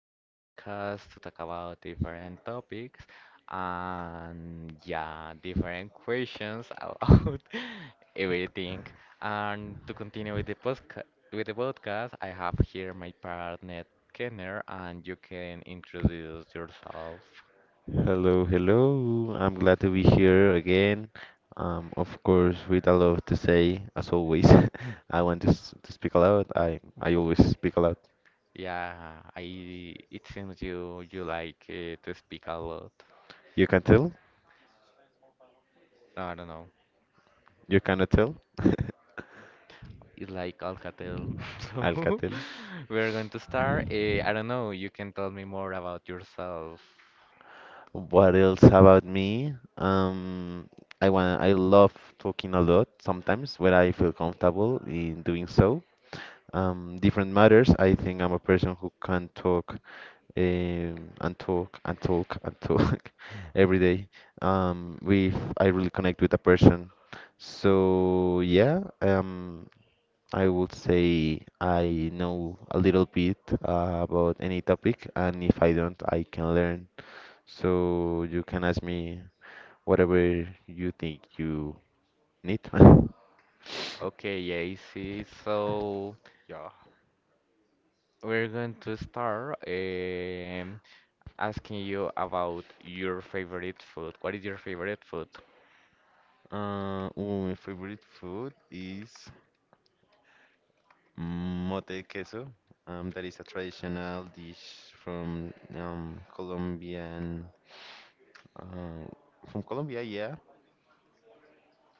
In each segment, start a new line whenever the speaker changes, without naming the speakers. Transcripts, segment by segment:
another podcast to talk about different topics and yeah, different questions about everything. And to continue with the podcast, I have here my partner Kenner, and you can introduce yourself.
Hello, hello. I'm glad to be here again. Of course, with a lot to say, as always. I want to speak aloud. I always speak aloud.
Yeah, I it seems you like to speak a lot.
You can tell?
I don't know.
You cannot tell?
Is like Alcatel. So
Alcatel.
we're going to start. I don't know, you can tell me more about yourself.
What else about me? I love talking a lot sometimes when I feel comfortable in doing so. Different matters. I think I'm a person who can talk and talk and talk and talk every day. We I really connect with a person. So yeah, I would say I know a little bit about any topic, and if I don't, I can learn. So you can ask me whatever you think you need.
Okay, AC. So
Yeah.
we're going to start asking you about your favorite food. What is your favorite food?
Ooh, my favorite food is Mote queso. That is a traditional dish from uh, from Colombia, yeah.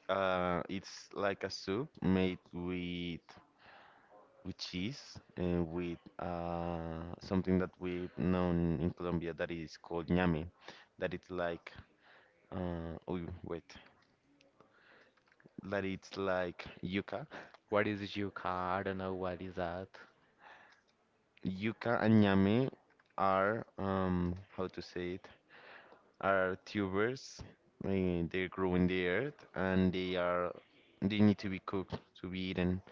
It's like a soup made with cheese and with something that we've known in Colombia that is called ñame. That it's like, oh wait, that it's like yuca.
What is yuca? I don't know what is that.
Yuca and ñame are, how to say it? Are tubers. They grow in the earth, and they need to be cooked to be eaten.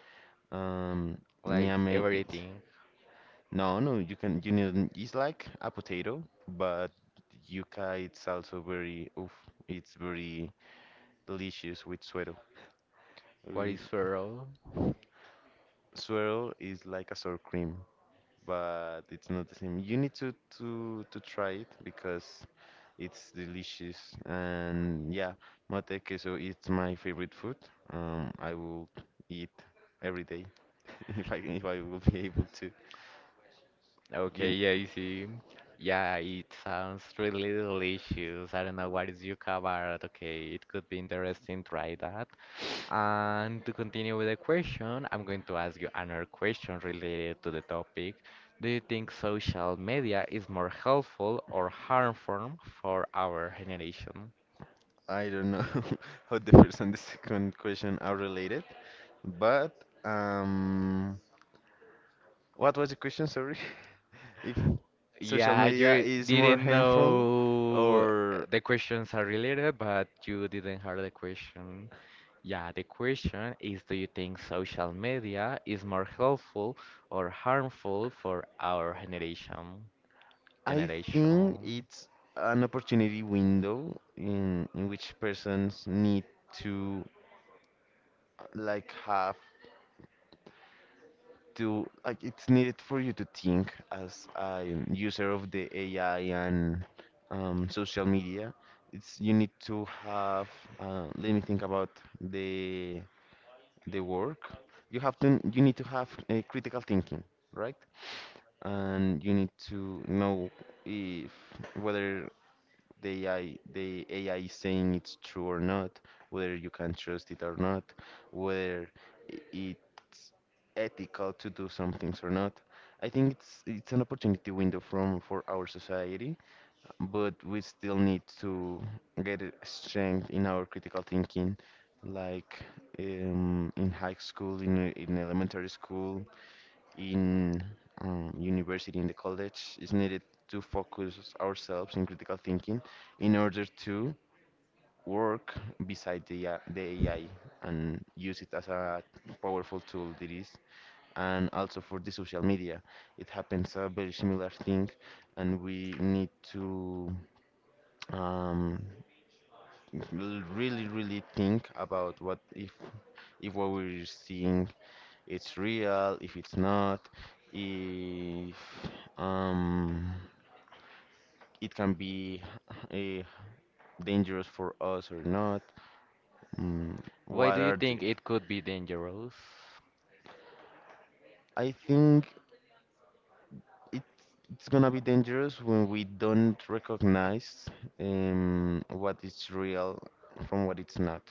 Um,
Like
ñame,
everything.
no, no, you need, it's like a potato, but yuca it's also very oof, it's very delicious with suero.
What is
With
swirl?
Suero is like a sour cream, but it's not the same. You need to try it because it's delicious, and yeah, mate queso is my favorite food. I will eat every day if I will be able to.
Okay,
You,
yeah, you see. Yeah, it sounds really delicious. I don't know what is yuca about. Okay, it could be interesting. Try that. And to continue with the question, I'm going to ask you another question related to the topic. Do you think social media is more helpful or harmful for our generation?
I don't know how the first and the second question are related, but um, what was the question? Sorry, if social
Yeah,
media
you
is more
didn't
harmful,
know
or,
the questions are related, but you didn't hear the question. Yeah, the question is, do you think social media is more helpful or harmful for our generation?
I think
Generation.
it's an opportunity window in which persons need to, like, have to, like, it's needed for you to think as a user of the AI and, social media. It's, you need to have, let me think about the the work. You need to have a critical thinking, right? And you need to know, if whether the AI is saying it's true or not, whether you can trust it or not, whether it's ethical to do some things or not. I think it's an opportunity window from for our society, but we still need to get a strength in our critical thinking, like, in high school, in elementary school, in university, in the college, is needed to focus ourselves in critical thinking in order to work beside the AI and use it as a powerful tool that is. And also for the social media, it happens a very similar thing, and we need to um, really, really think about what, if what we're seeing it's real, if it's not, if um, it can be uh, dangerous for us or not. Mm,
Why
what
do you
are the?
think it could be dangerous?
I think it, it's gonna be dangerous when we don't recognize what is real from what it's not,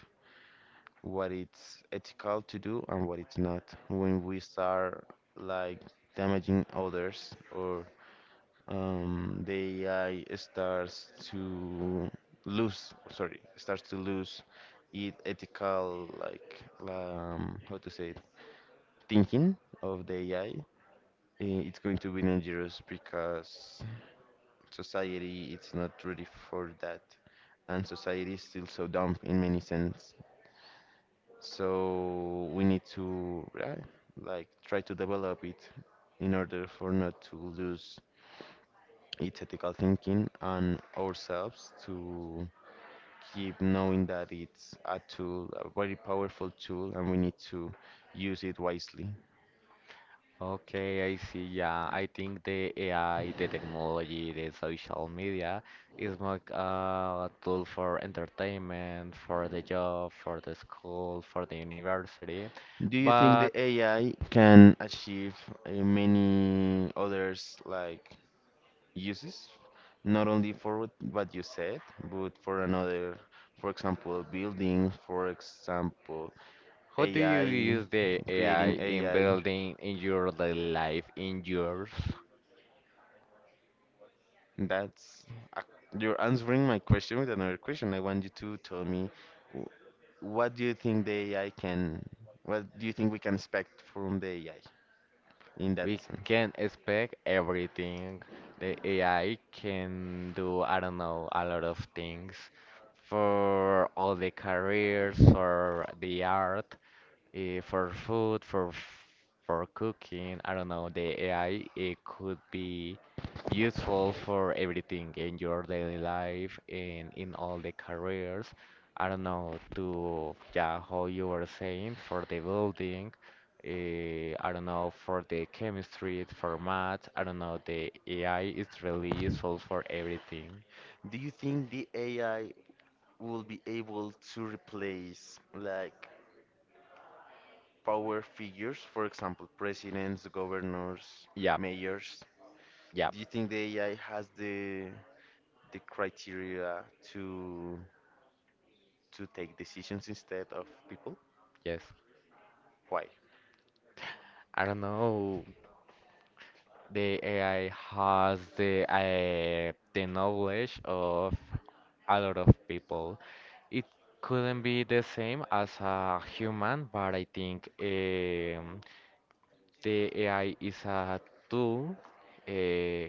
what it's ethical to do and what it's not. When we start, like, damaging others, or the AI starts to lose, sorry, starts to lose its ethical, like, how to say it, thinking of the AI. It's going to be dangerous because society it's not ready for that, and society is still so dumb in many sense. So we need to, yeah, like, try to develop it in order for not to lose it's ethical thinking on ourselves, to keep knowing that it's a tool, a very powerful tool, and we need to use it wisely.
Okay, I see. Yeah, I think the AI, the technology, the social media is more a tool for entertainment, for the job, for the school, for the university.
Do you think
But
the AI can achieve many others like uses? Not only for what you said, but for another, for example, building, for example,
how do you
AI,
use the AI
creating
in
AI.
building in your daily life in yours?
That's, uh, you're answering my question with another question. I want you to tell me wh- what do you think the AI can, what do you think we can expect from the AI in that
We
sense?
can expect everything. The AI can do, I don't know, a lot of things for all the careers or the art. For food, for cooking. I don't know. The AI it could be useful for everything in your daily life and in all the careers. I don't know to yeah, how you were saying for the building. I don't know for the chemistry, for math. I don't know. The AI is really useful for everything.
Do you think the AI will be able to replace like power figures, for example, presidents, governors,
Yeah,
mayors?
yeah,
Do you think the AI has the criteria to to take decisions instead of people?
yes.
Why?
I don't know. The AI has the knowledge of a lot of people. It couldn't be the same as a human, but I think the AI is a tool uh,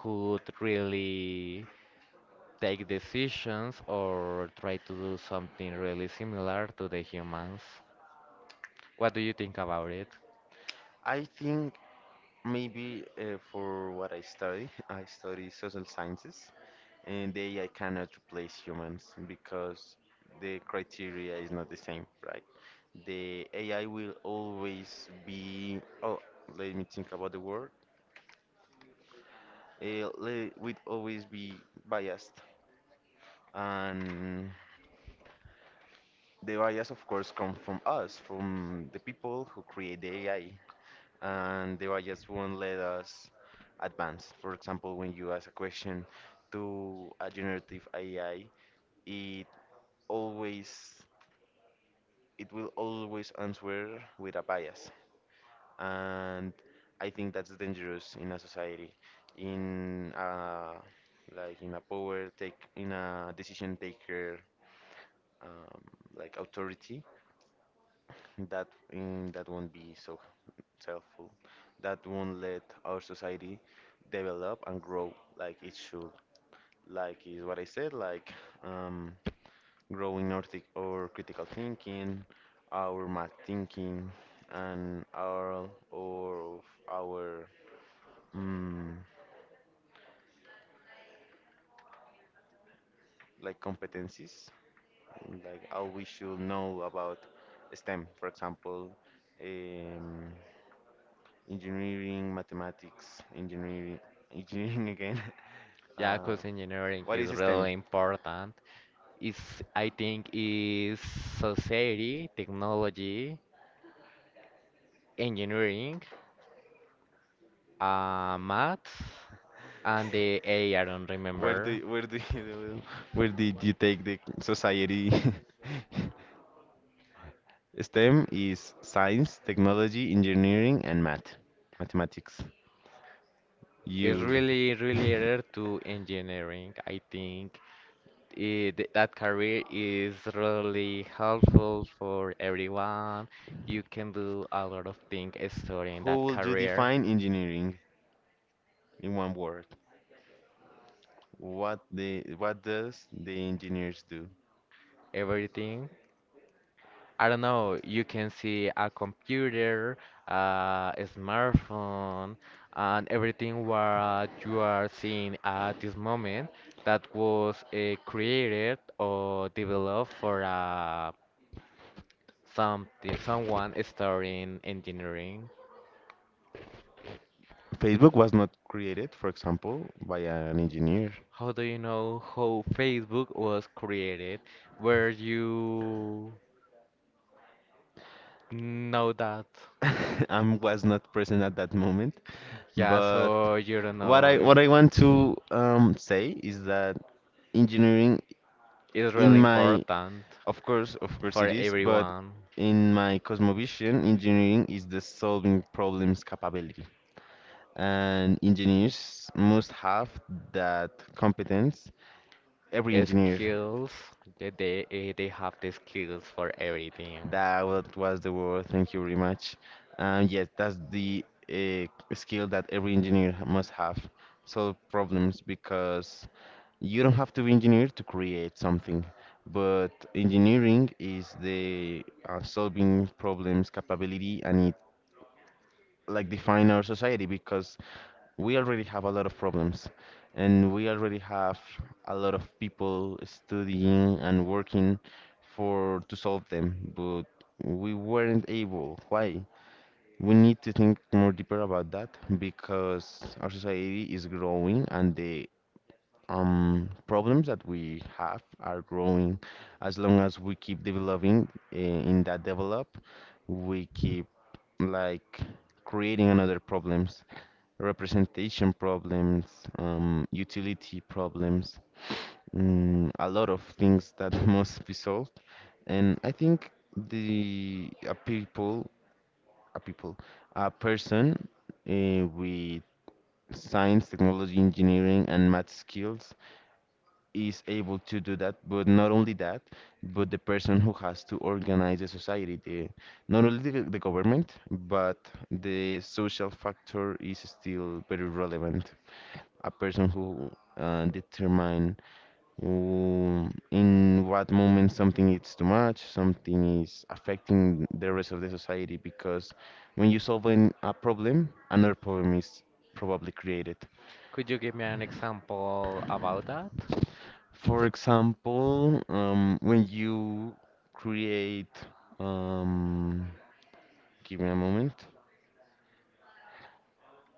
could really take decisions or try to do something really similar to the humans. What do you think about it?
I think, maybe, for what I study, I study social sciences, and they, I cannot replace humans because the criteria is not the same, right? The AI will always be, oh, let me think about the word. It will always be biased, and the bias, of course, come from us, from the people who create the AI. And the bias won't let us advance. For example, when you ask a question to a generative AI, it always it will always answer with a bias, and I think that's dangerous in a society, in a, like, in a power take, in a decision taker, um, like, authority. That won't be so helpful, that won't let our society develop and grow like it should, like is what I said, like, um, growing our, our critical thinking, our math thinking, and our, or of our, mm, like, competencies, like, how we should know about STEM, for example, um, engineering, mathematics, engineering, engineering again,
Yeah,
uh,
'cause engineering
what is
is
STEM?
really important is I think is society, technology, engineering, maths, and the A. I don't
Where do
remember.
you- where do you, where did you take the society? STEM is science, technology, engineering, and math, mathematics.
It's
You,
really related to engineering. I think that career is really helpful for everyone. You can do a lot of things studying
how
that
would you
career,
define engineering in one word? What does the engineers do?
everything. I don't know, you can see a computer, a smartphone, and everything what you are seeing at this moment that was created or developed for some someone studying engineering.
Facebook was not created, for example, by an engineer.
How do you know how Facebook was created? Where you know that?
I was not present at that moment,
Yeah,
but
so you don't know.
what I want to say is that engineering,
It's
in
really
my,
important
of course,
for
it is, but
everyone.
in my cosmovision engineering is the solving problems capability, and engineers must have that competence, every engineer.
Skills. They have the skills for everything.
That was the word. Thank you very much. Yes, that's the uh, skill that every engineer must have. Solve problems, because you don't have to be engineer to create something, but engineering is the solving problems capability, and it, like, define our society because we already have a lot of problems, and we already have a lot of people studying and working for to solve them, but we weren't able. Why? We need to think more deeper about that, because our society is growing and the problems that we have are growing. As long as we keep developing in that develop, we keep, like, creating another problems, representation problems, utility problems, a lot of things that must be solved. And I think the a people, a person, with science, technology, engineering, and math skills is able to do that. But not only that, but the person who has to organize the society, not only the government, but the social factor is still very relevant. A person who determine who, in what moment something is too much, something is affecting the rest of the society. Because when you solve a problem, another problem is probably created.
Could you give me an example about that?
For example, when you create, um, give me a moment.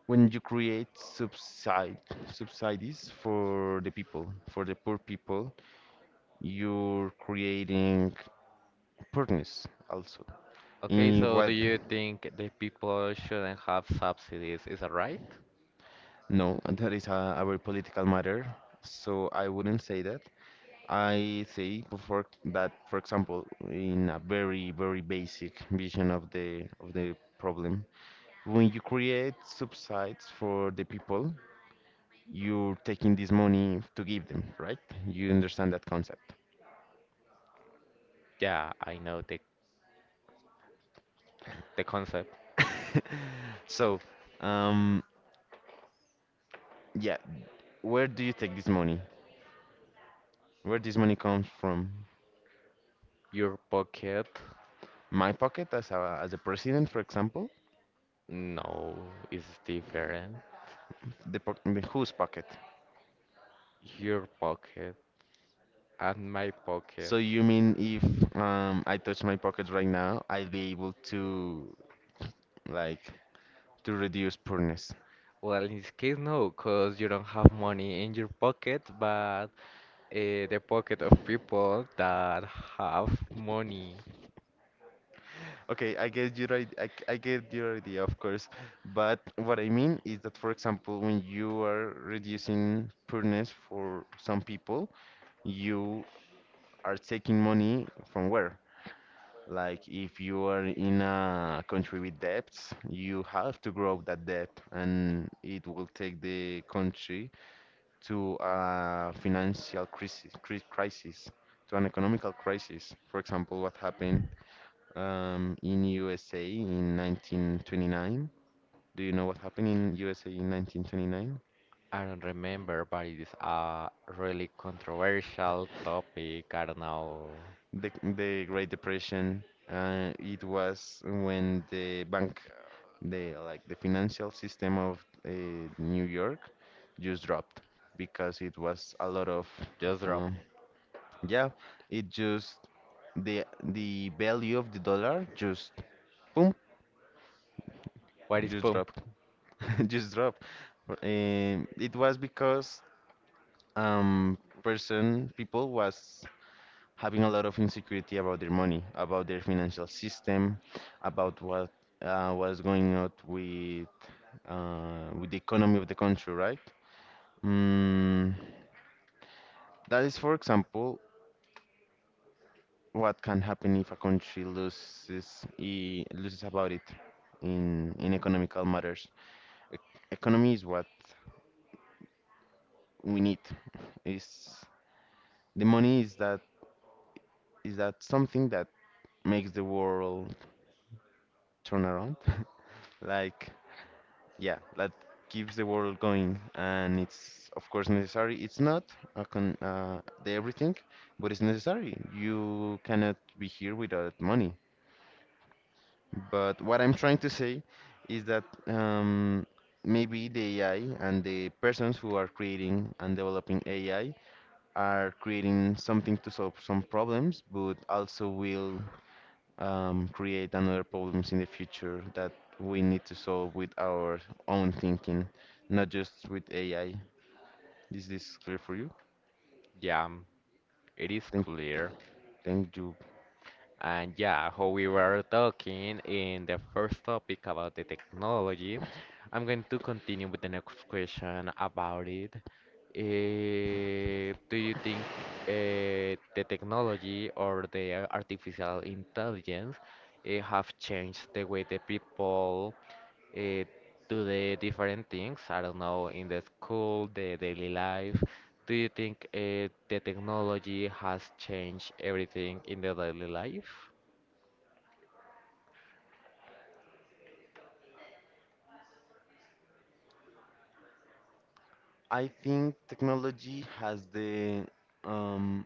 When you create subsidies for the people, for the poor people, you're creating Furnace also.
Okay,
In
so do
what?
you think the people shouldn't have subsidies? Is that right?
No, that is a very political matter, so I wouldn't say that. I say for that, for example, in a very basic vision of the problem, when you create subsides for the people, you're taking this money to give them, right? You understand that concept.
Yeah, I know the concept.
So, um, yeah, where do you take this money? Where this money comes from?
Your pocket,
My pocket as a president, for example,
no, it's different.
the whose pocket?
Your pocket and my pocket.
So you mean if I touch my pocket right now, I'd be able to, like, to reduce poorness.
Well, in this case, no, because you don't have money in your pocket, but the pocket of people that have money.
Okay, I get your idea, I get your idea, of course. But what I mean is that, for example, when you are reducing poorness for some people, you are taking money from where? Like, if you are in a country with debts, you have to grow that debt, and it will take the country to a financial crisis, crisis, to an economical crisis. For example, what happened in USA in 1929? Do you know what happened in USA in 1929?
I don't remember, but it is a really controversial topic. I don't know.
The Great Depression. It was when the bank the like the financial system of New York just dropped because it was a lot of
Just drop.
um, yeah, it just the value of the dollar just boom,
What is
just
pump?
dropped, just dropped. It was because um person people was having a lot of insecurity about their money, about their financial system, about what was going on with the economy of the country, right? Mm, that is, for example, what can happen if a country loses loses about it in economical matters. E- Economy is what we need. Is the money, is that, is that something that makes the world turn around? Like, yeah, that keeps the world going, and it's of course necessary. It's not a con the everything, but it's necessary. You cannot be here without money. But what I'm trying to say is that maybe the AI and the persons who are creating and developing AI are creating something to solve some problems, but also will create another problems in the future that we need to solve with our own thinking, not just with AI. Is this clear for you?
Yeah, it is
Thank,
clear.
thank you.
And yeah, how we were talking in the first topic about the technology, I'm going to continue with the next question about it. Do you think the technology or the artificial intelligence have changed the way the people uh, do the different things, I don't know, in the school, the daily life. Do you think the technology has changed everything in the daily life?
I think technology has the um,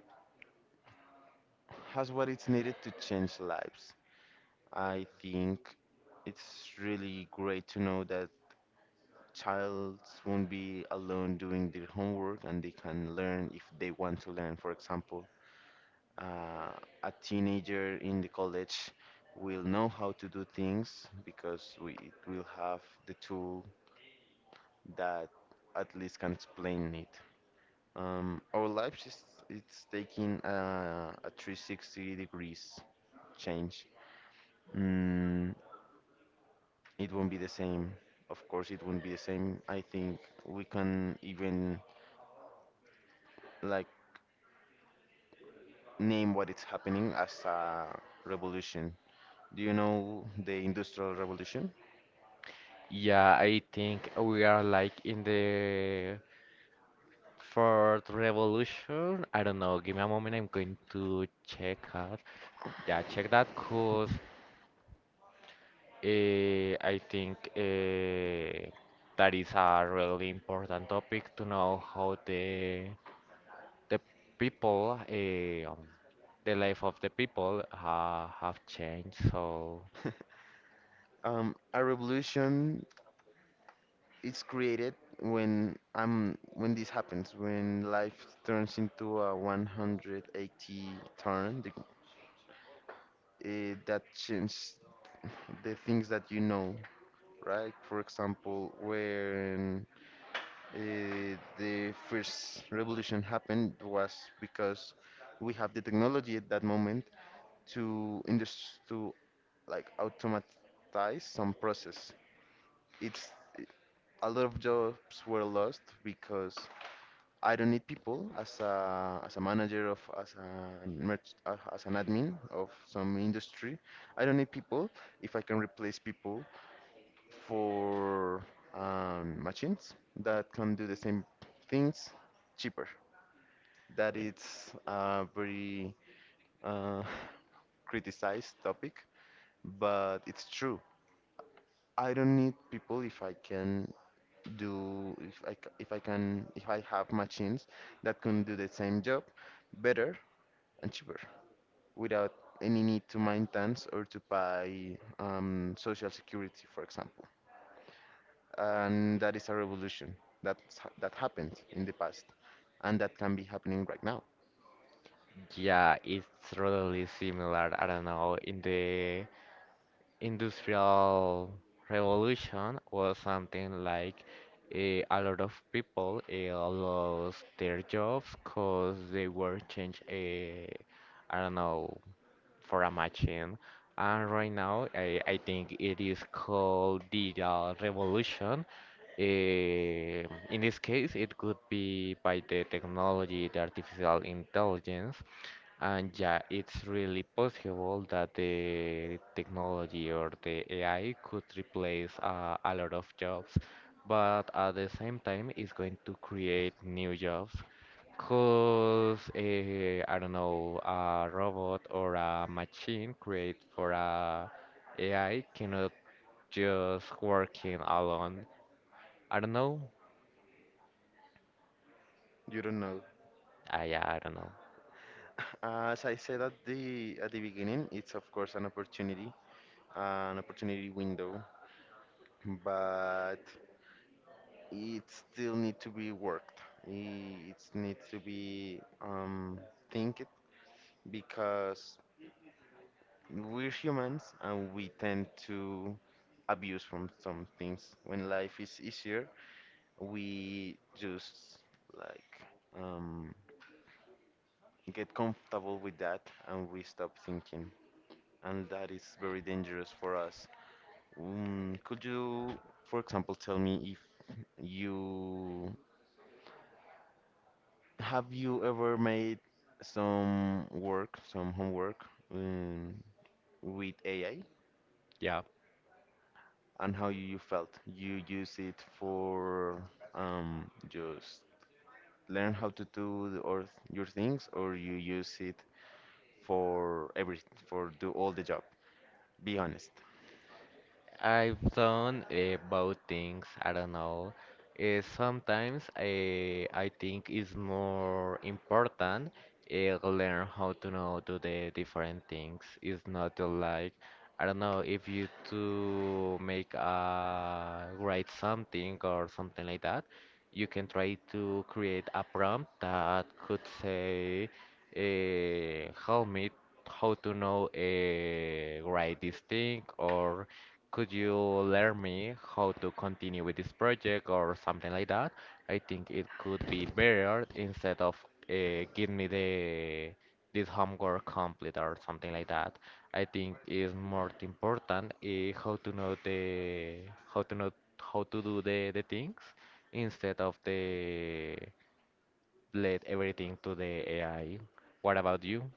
has what it's needed to change lives. I think it's really great to know that childs won't be alone doing their homework and they can learn if they want to learn. For example, uh, a teenager in the college will know how to do things because we it will have the tool that at least can explain it. Our lives is it's taking a 360 degrees change. Mm. It won't be the same. Of course, it won't be the same. I think we can even, like, name what is happening as a revolution. Do you know the Industrial Revolution?
Yeah, I think we are like in the fourth revolution. I don't know, give me a moment, I'm going to check out. Yeah, check that, cause uh, I think that is a really important topic to know how the people, the life of the people have changed. So
A revolution is created when when this happens, when life turns into a 180 turn. That changes the things that you know, right? For example, when the first revolution happened was because we have the technology at that moment to like automatize some process. It's it- a lot of jobs were lost because I don't need people as a, as a manager, of as a merch, as an admin of some industry. I don't need people if I can replace people for machines that can do the same things cheaper. That it's a very uh, criticized topic, but it's true. I don't need people if I can do if I c- if I can, if I have machines that can do the same job better and cheaper without any need to maintenance or to buy social security, for example. And that is a revolution that's, that happened in the past and that can be happening right now.
yeah, it's really similar. I don't know. In the industrial revolution was something like a lot of people lost their jobs because they were changed. I don't know, for a machine. And right now, I think it is called digital revolution. Eh, in this case, it could be by the technology, the artificial intelligence, and yeah, it's really possible that the technology or the AI could replace a lot of jobs, but at the same time, it's going to create new jobs. Cause I don't know, a robot or a machine created for a AI cannot just working alone. I don't know.
You don't know.
I don't know.
As I said at the beginning, it's of course an opportunity window, but it still need to be worked. It needs to be think, because we're humans and we tend to abuse from some things. When life is easier, we just, like, um, get comfortable with that and we stop thinking, and that is very dangerous for us. Mm, could you, for example, tell me if you have you ever made some work, some homework um, with AI,
Yeah.
and how you felt? You use it for just learn how to do the, or your things, or you use it for every, for do all the job? Be honest.
I've done both things. I don't know. Sometimes I think it's more important learn how to know do the different things. It's not to like I don't know if you to make a write something or something like that. You can try to create a prompt that could say, "Help me how to know write this thing" or could you learn me how to continue with this project or something like that? I think it could be better instead of give me the this homework complete or something like that. I think is more important how to know the how to know how to do the things instead of the let everything to the AI. What about you?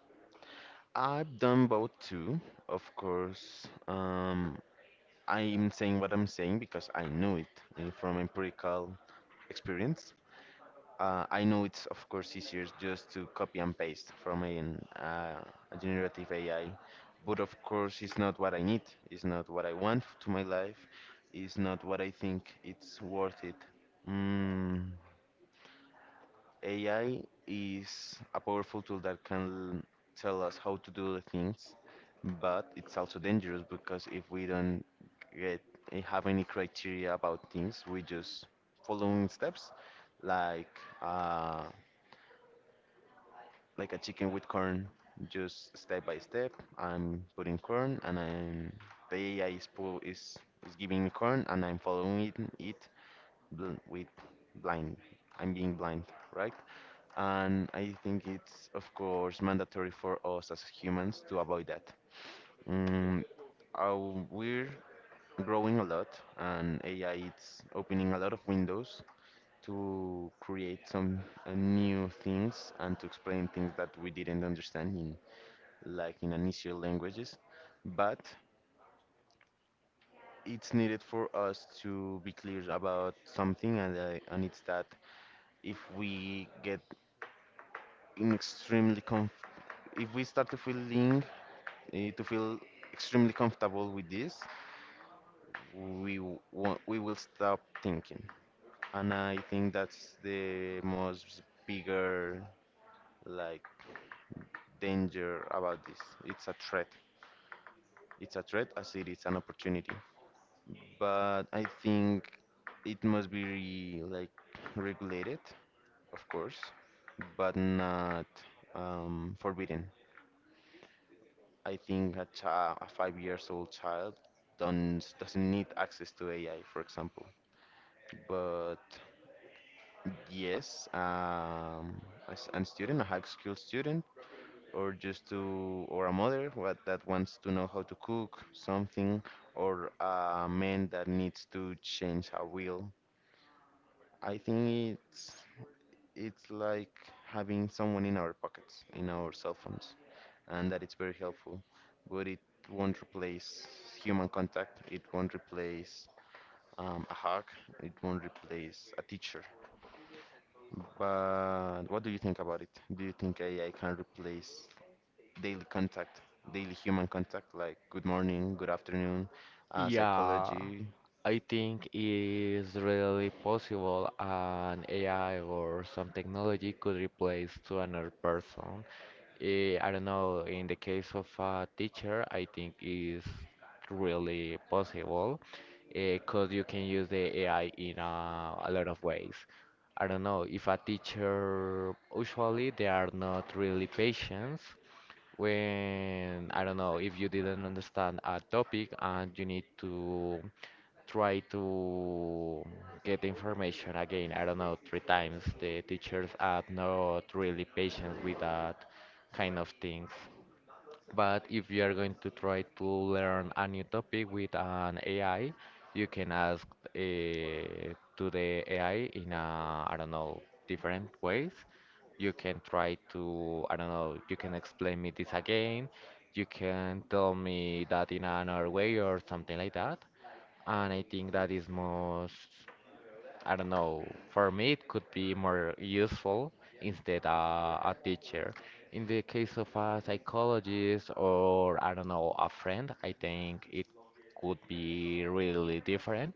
I've done both too, of course. I'm saying what I'm saying because I know it, from empirical experience. I know it's of course easier just to copy and paste from a generative AI, but of course it's not what I need. It's not what I want to my life. It's not what I think it's worth it. Mm. AI is a powerful tool that can tell us how to do the things, but it's also dangerous because if we don't get have any criteria about things, we just following steps like uh, like a chicken with corn, just step by step. I'm putting corn and I'm the AI is is giving me corn and I'm following it, it with blind. I'm being blind, right? And I think it's, of course, mandatory for us as humans to avoid that. Mm, we're growing a lot, and AI is opening a lot of windows to create some new things and to explain things that we didn't understand in, like, in initial languages. But it's needed for us to be clear about something, and it's that if we get in extremely com if we start to feeling to feel extremely comfortable with this, we will stop thinking, and I think that's the most bigger, like, danger about this. It's a threat. It's a threat as it is an opportunity. But I think it must be like regulated, of course, but not forbidden. I think a child, a 5 years old child, don't doesn't need access to AI, for example. But yes, an student, a high school student, or just to, or a mother what, that wants to know how to cook something, or a man that needs to change a wheel. I think it's like having someone in our pockets, in our cell phones, and that it's very helpful. But it won't replace human contact. It won't replace a hug. It won't replace a teacher. But what do you think about it? Do you think AI can replace daily contact, daily human contact, like good morning, good afternoon,
Yeah,
psychology?
I think is really possible an AI or some technology could replace to another person. I don't know, in the case of a teacher, I think is really possible because you can use the AI in a lot of ways. I don't know, if a teacher, usually they are not really patient when I don't know if you didn't understand a topic and you need to try to get the information again, I don't know, three times. The teachers are not really patient with that kind of things. But if you are going to try to learn a new topic with an AI, you can ask to the AI in a, I don't know, different ways. You can try to, I don't know, you can explain me this again. You can tell me that in another way or something like that. And I think that is most I don't know. For me, it could be more useful instead a teacher. In the case of a psychologist or I don't know a friend, I think it could be really different.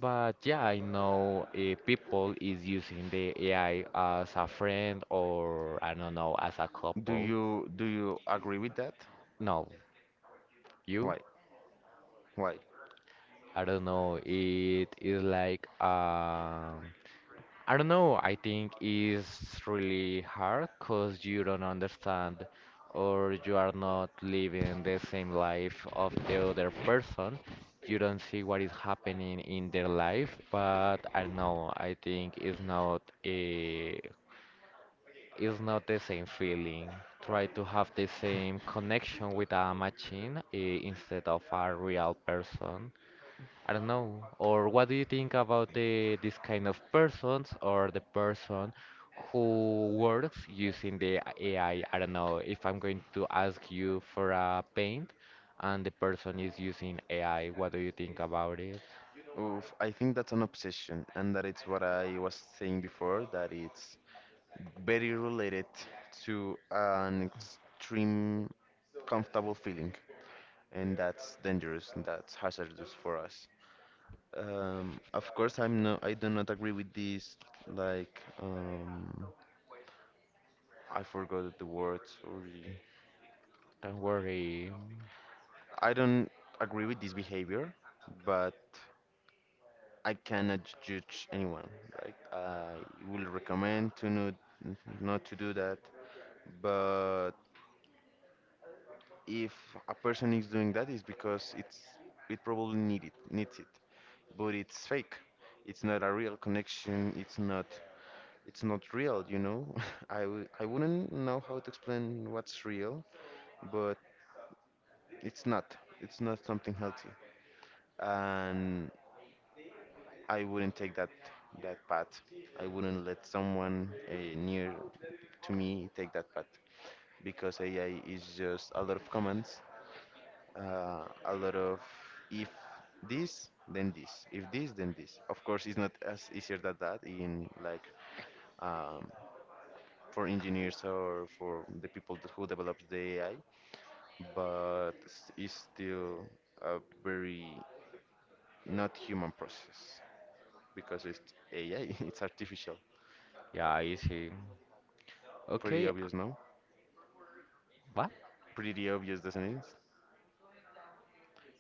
But yeah, I know people is using the AI as a friend or I don't know as a
Do
couple.
you do you agree with that?
No, you?
Why? Why?
I don't know. It is like I don't know. I think it's really hard because you don't understand or you are not living the same life of the other person. You don't see what is happening in their life, but I don't know. I think it's not a it's not the same feeling. Try to have the same connection with a machine instead of a real person. I don't know. Or what do you think about the this kind of persons or the person who works using the AI? I don't know if I'm going to ask you for a paint and the person is using AI. What do you think about it?
Oof, I think that's an obsession, and that it's what I was saying before, that it's very related to an extreme comfortable feeling, and that's dangerous, and that's hazardous for us. Of course, I'm no, I do not agree with this, like, I forgot the words, sorry.
Don't worry.
I don't agree with this behavior, but I cannot judge anyone. Right? I will recommend to not, not to do that. But if a person is doing that, it's because it probably needs it. But it's fake. It's not a real connection. It's not real. You know, I wouldn't know how to explain what's real, but it's not. It's not something healthy. And I wouldn't take that path. I wouldn't let someone near to me take that path because AI is just a lot of commands, a lot of if this then this, if this then this. Of course, it's not as easier than that in, like, um, for engineers or for the people that- who develops the AI, but it's still a very not human process because it's AI, it's artificial.
Yeah, easy.
Pretty
Okay,
obvious, no?
what?
Pretty obvious, doesn't it?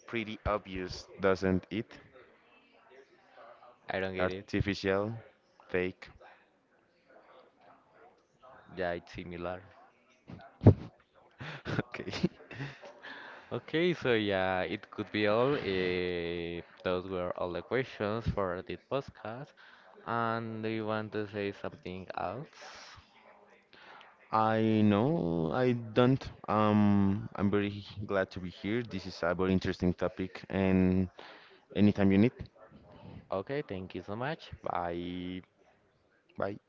Pretty obvious, doesn't it?
I don't get it.
Artificial, fake.
Yeah, it's similar.
Okay.
Okay, so yeah, it could be all. Those were all the questions for this podcast. And do you want to say something else?
I know I don't. I'm very glad to be here. This is a very interesting topic, and anytime you need.
Okay, thank you so much. Bye.
Bye.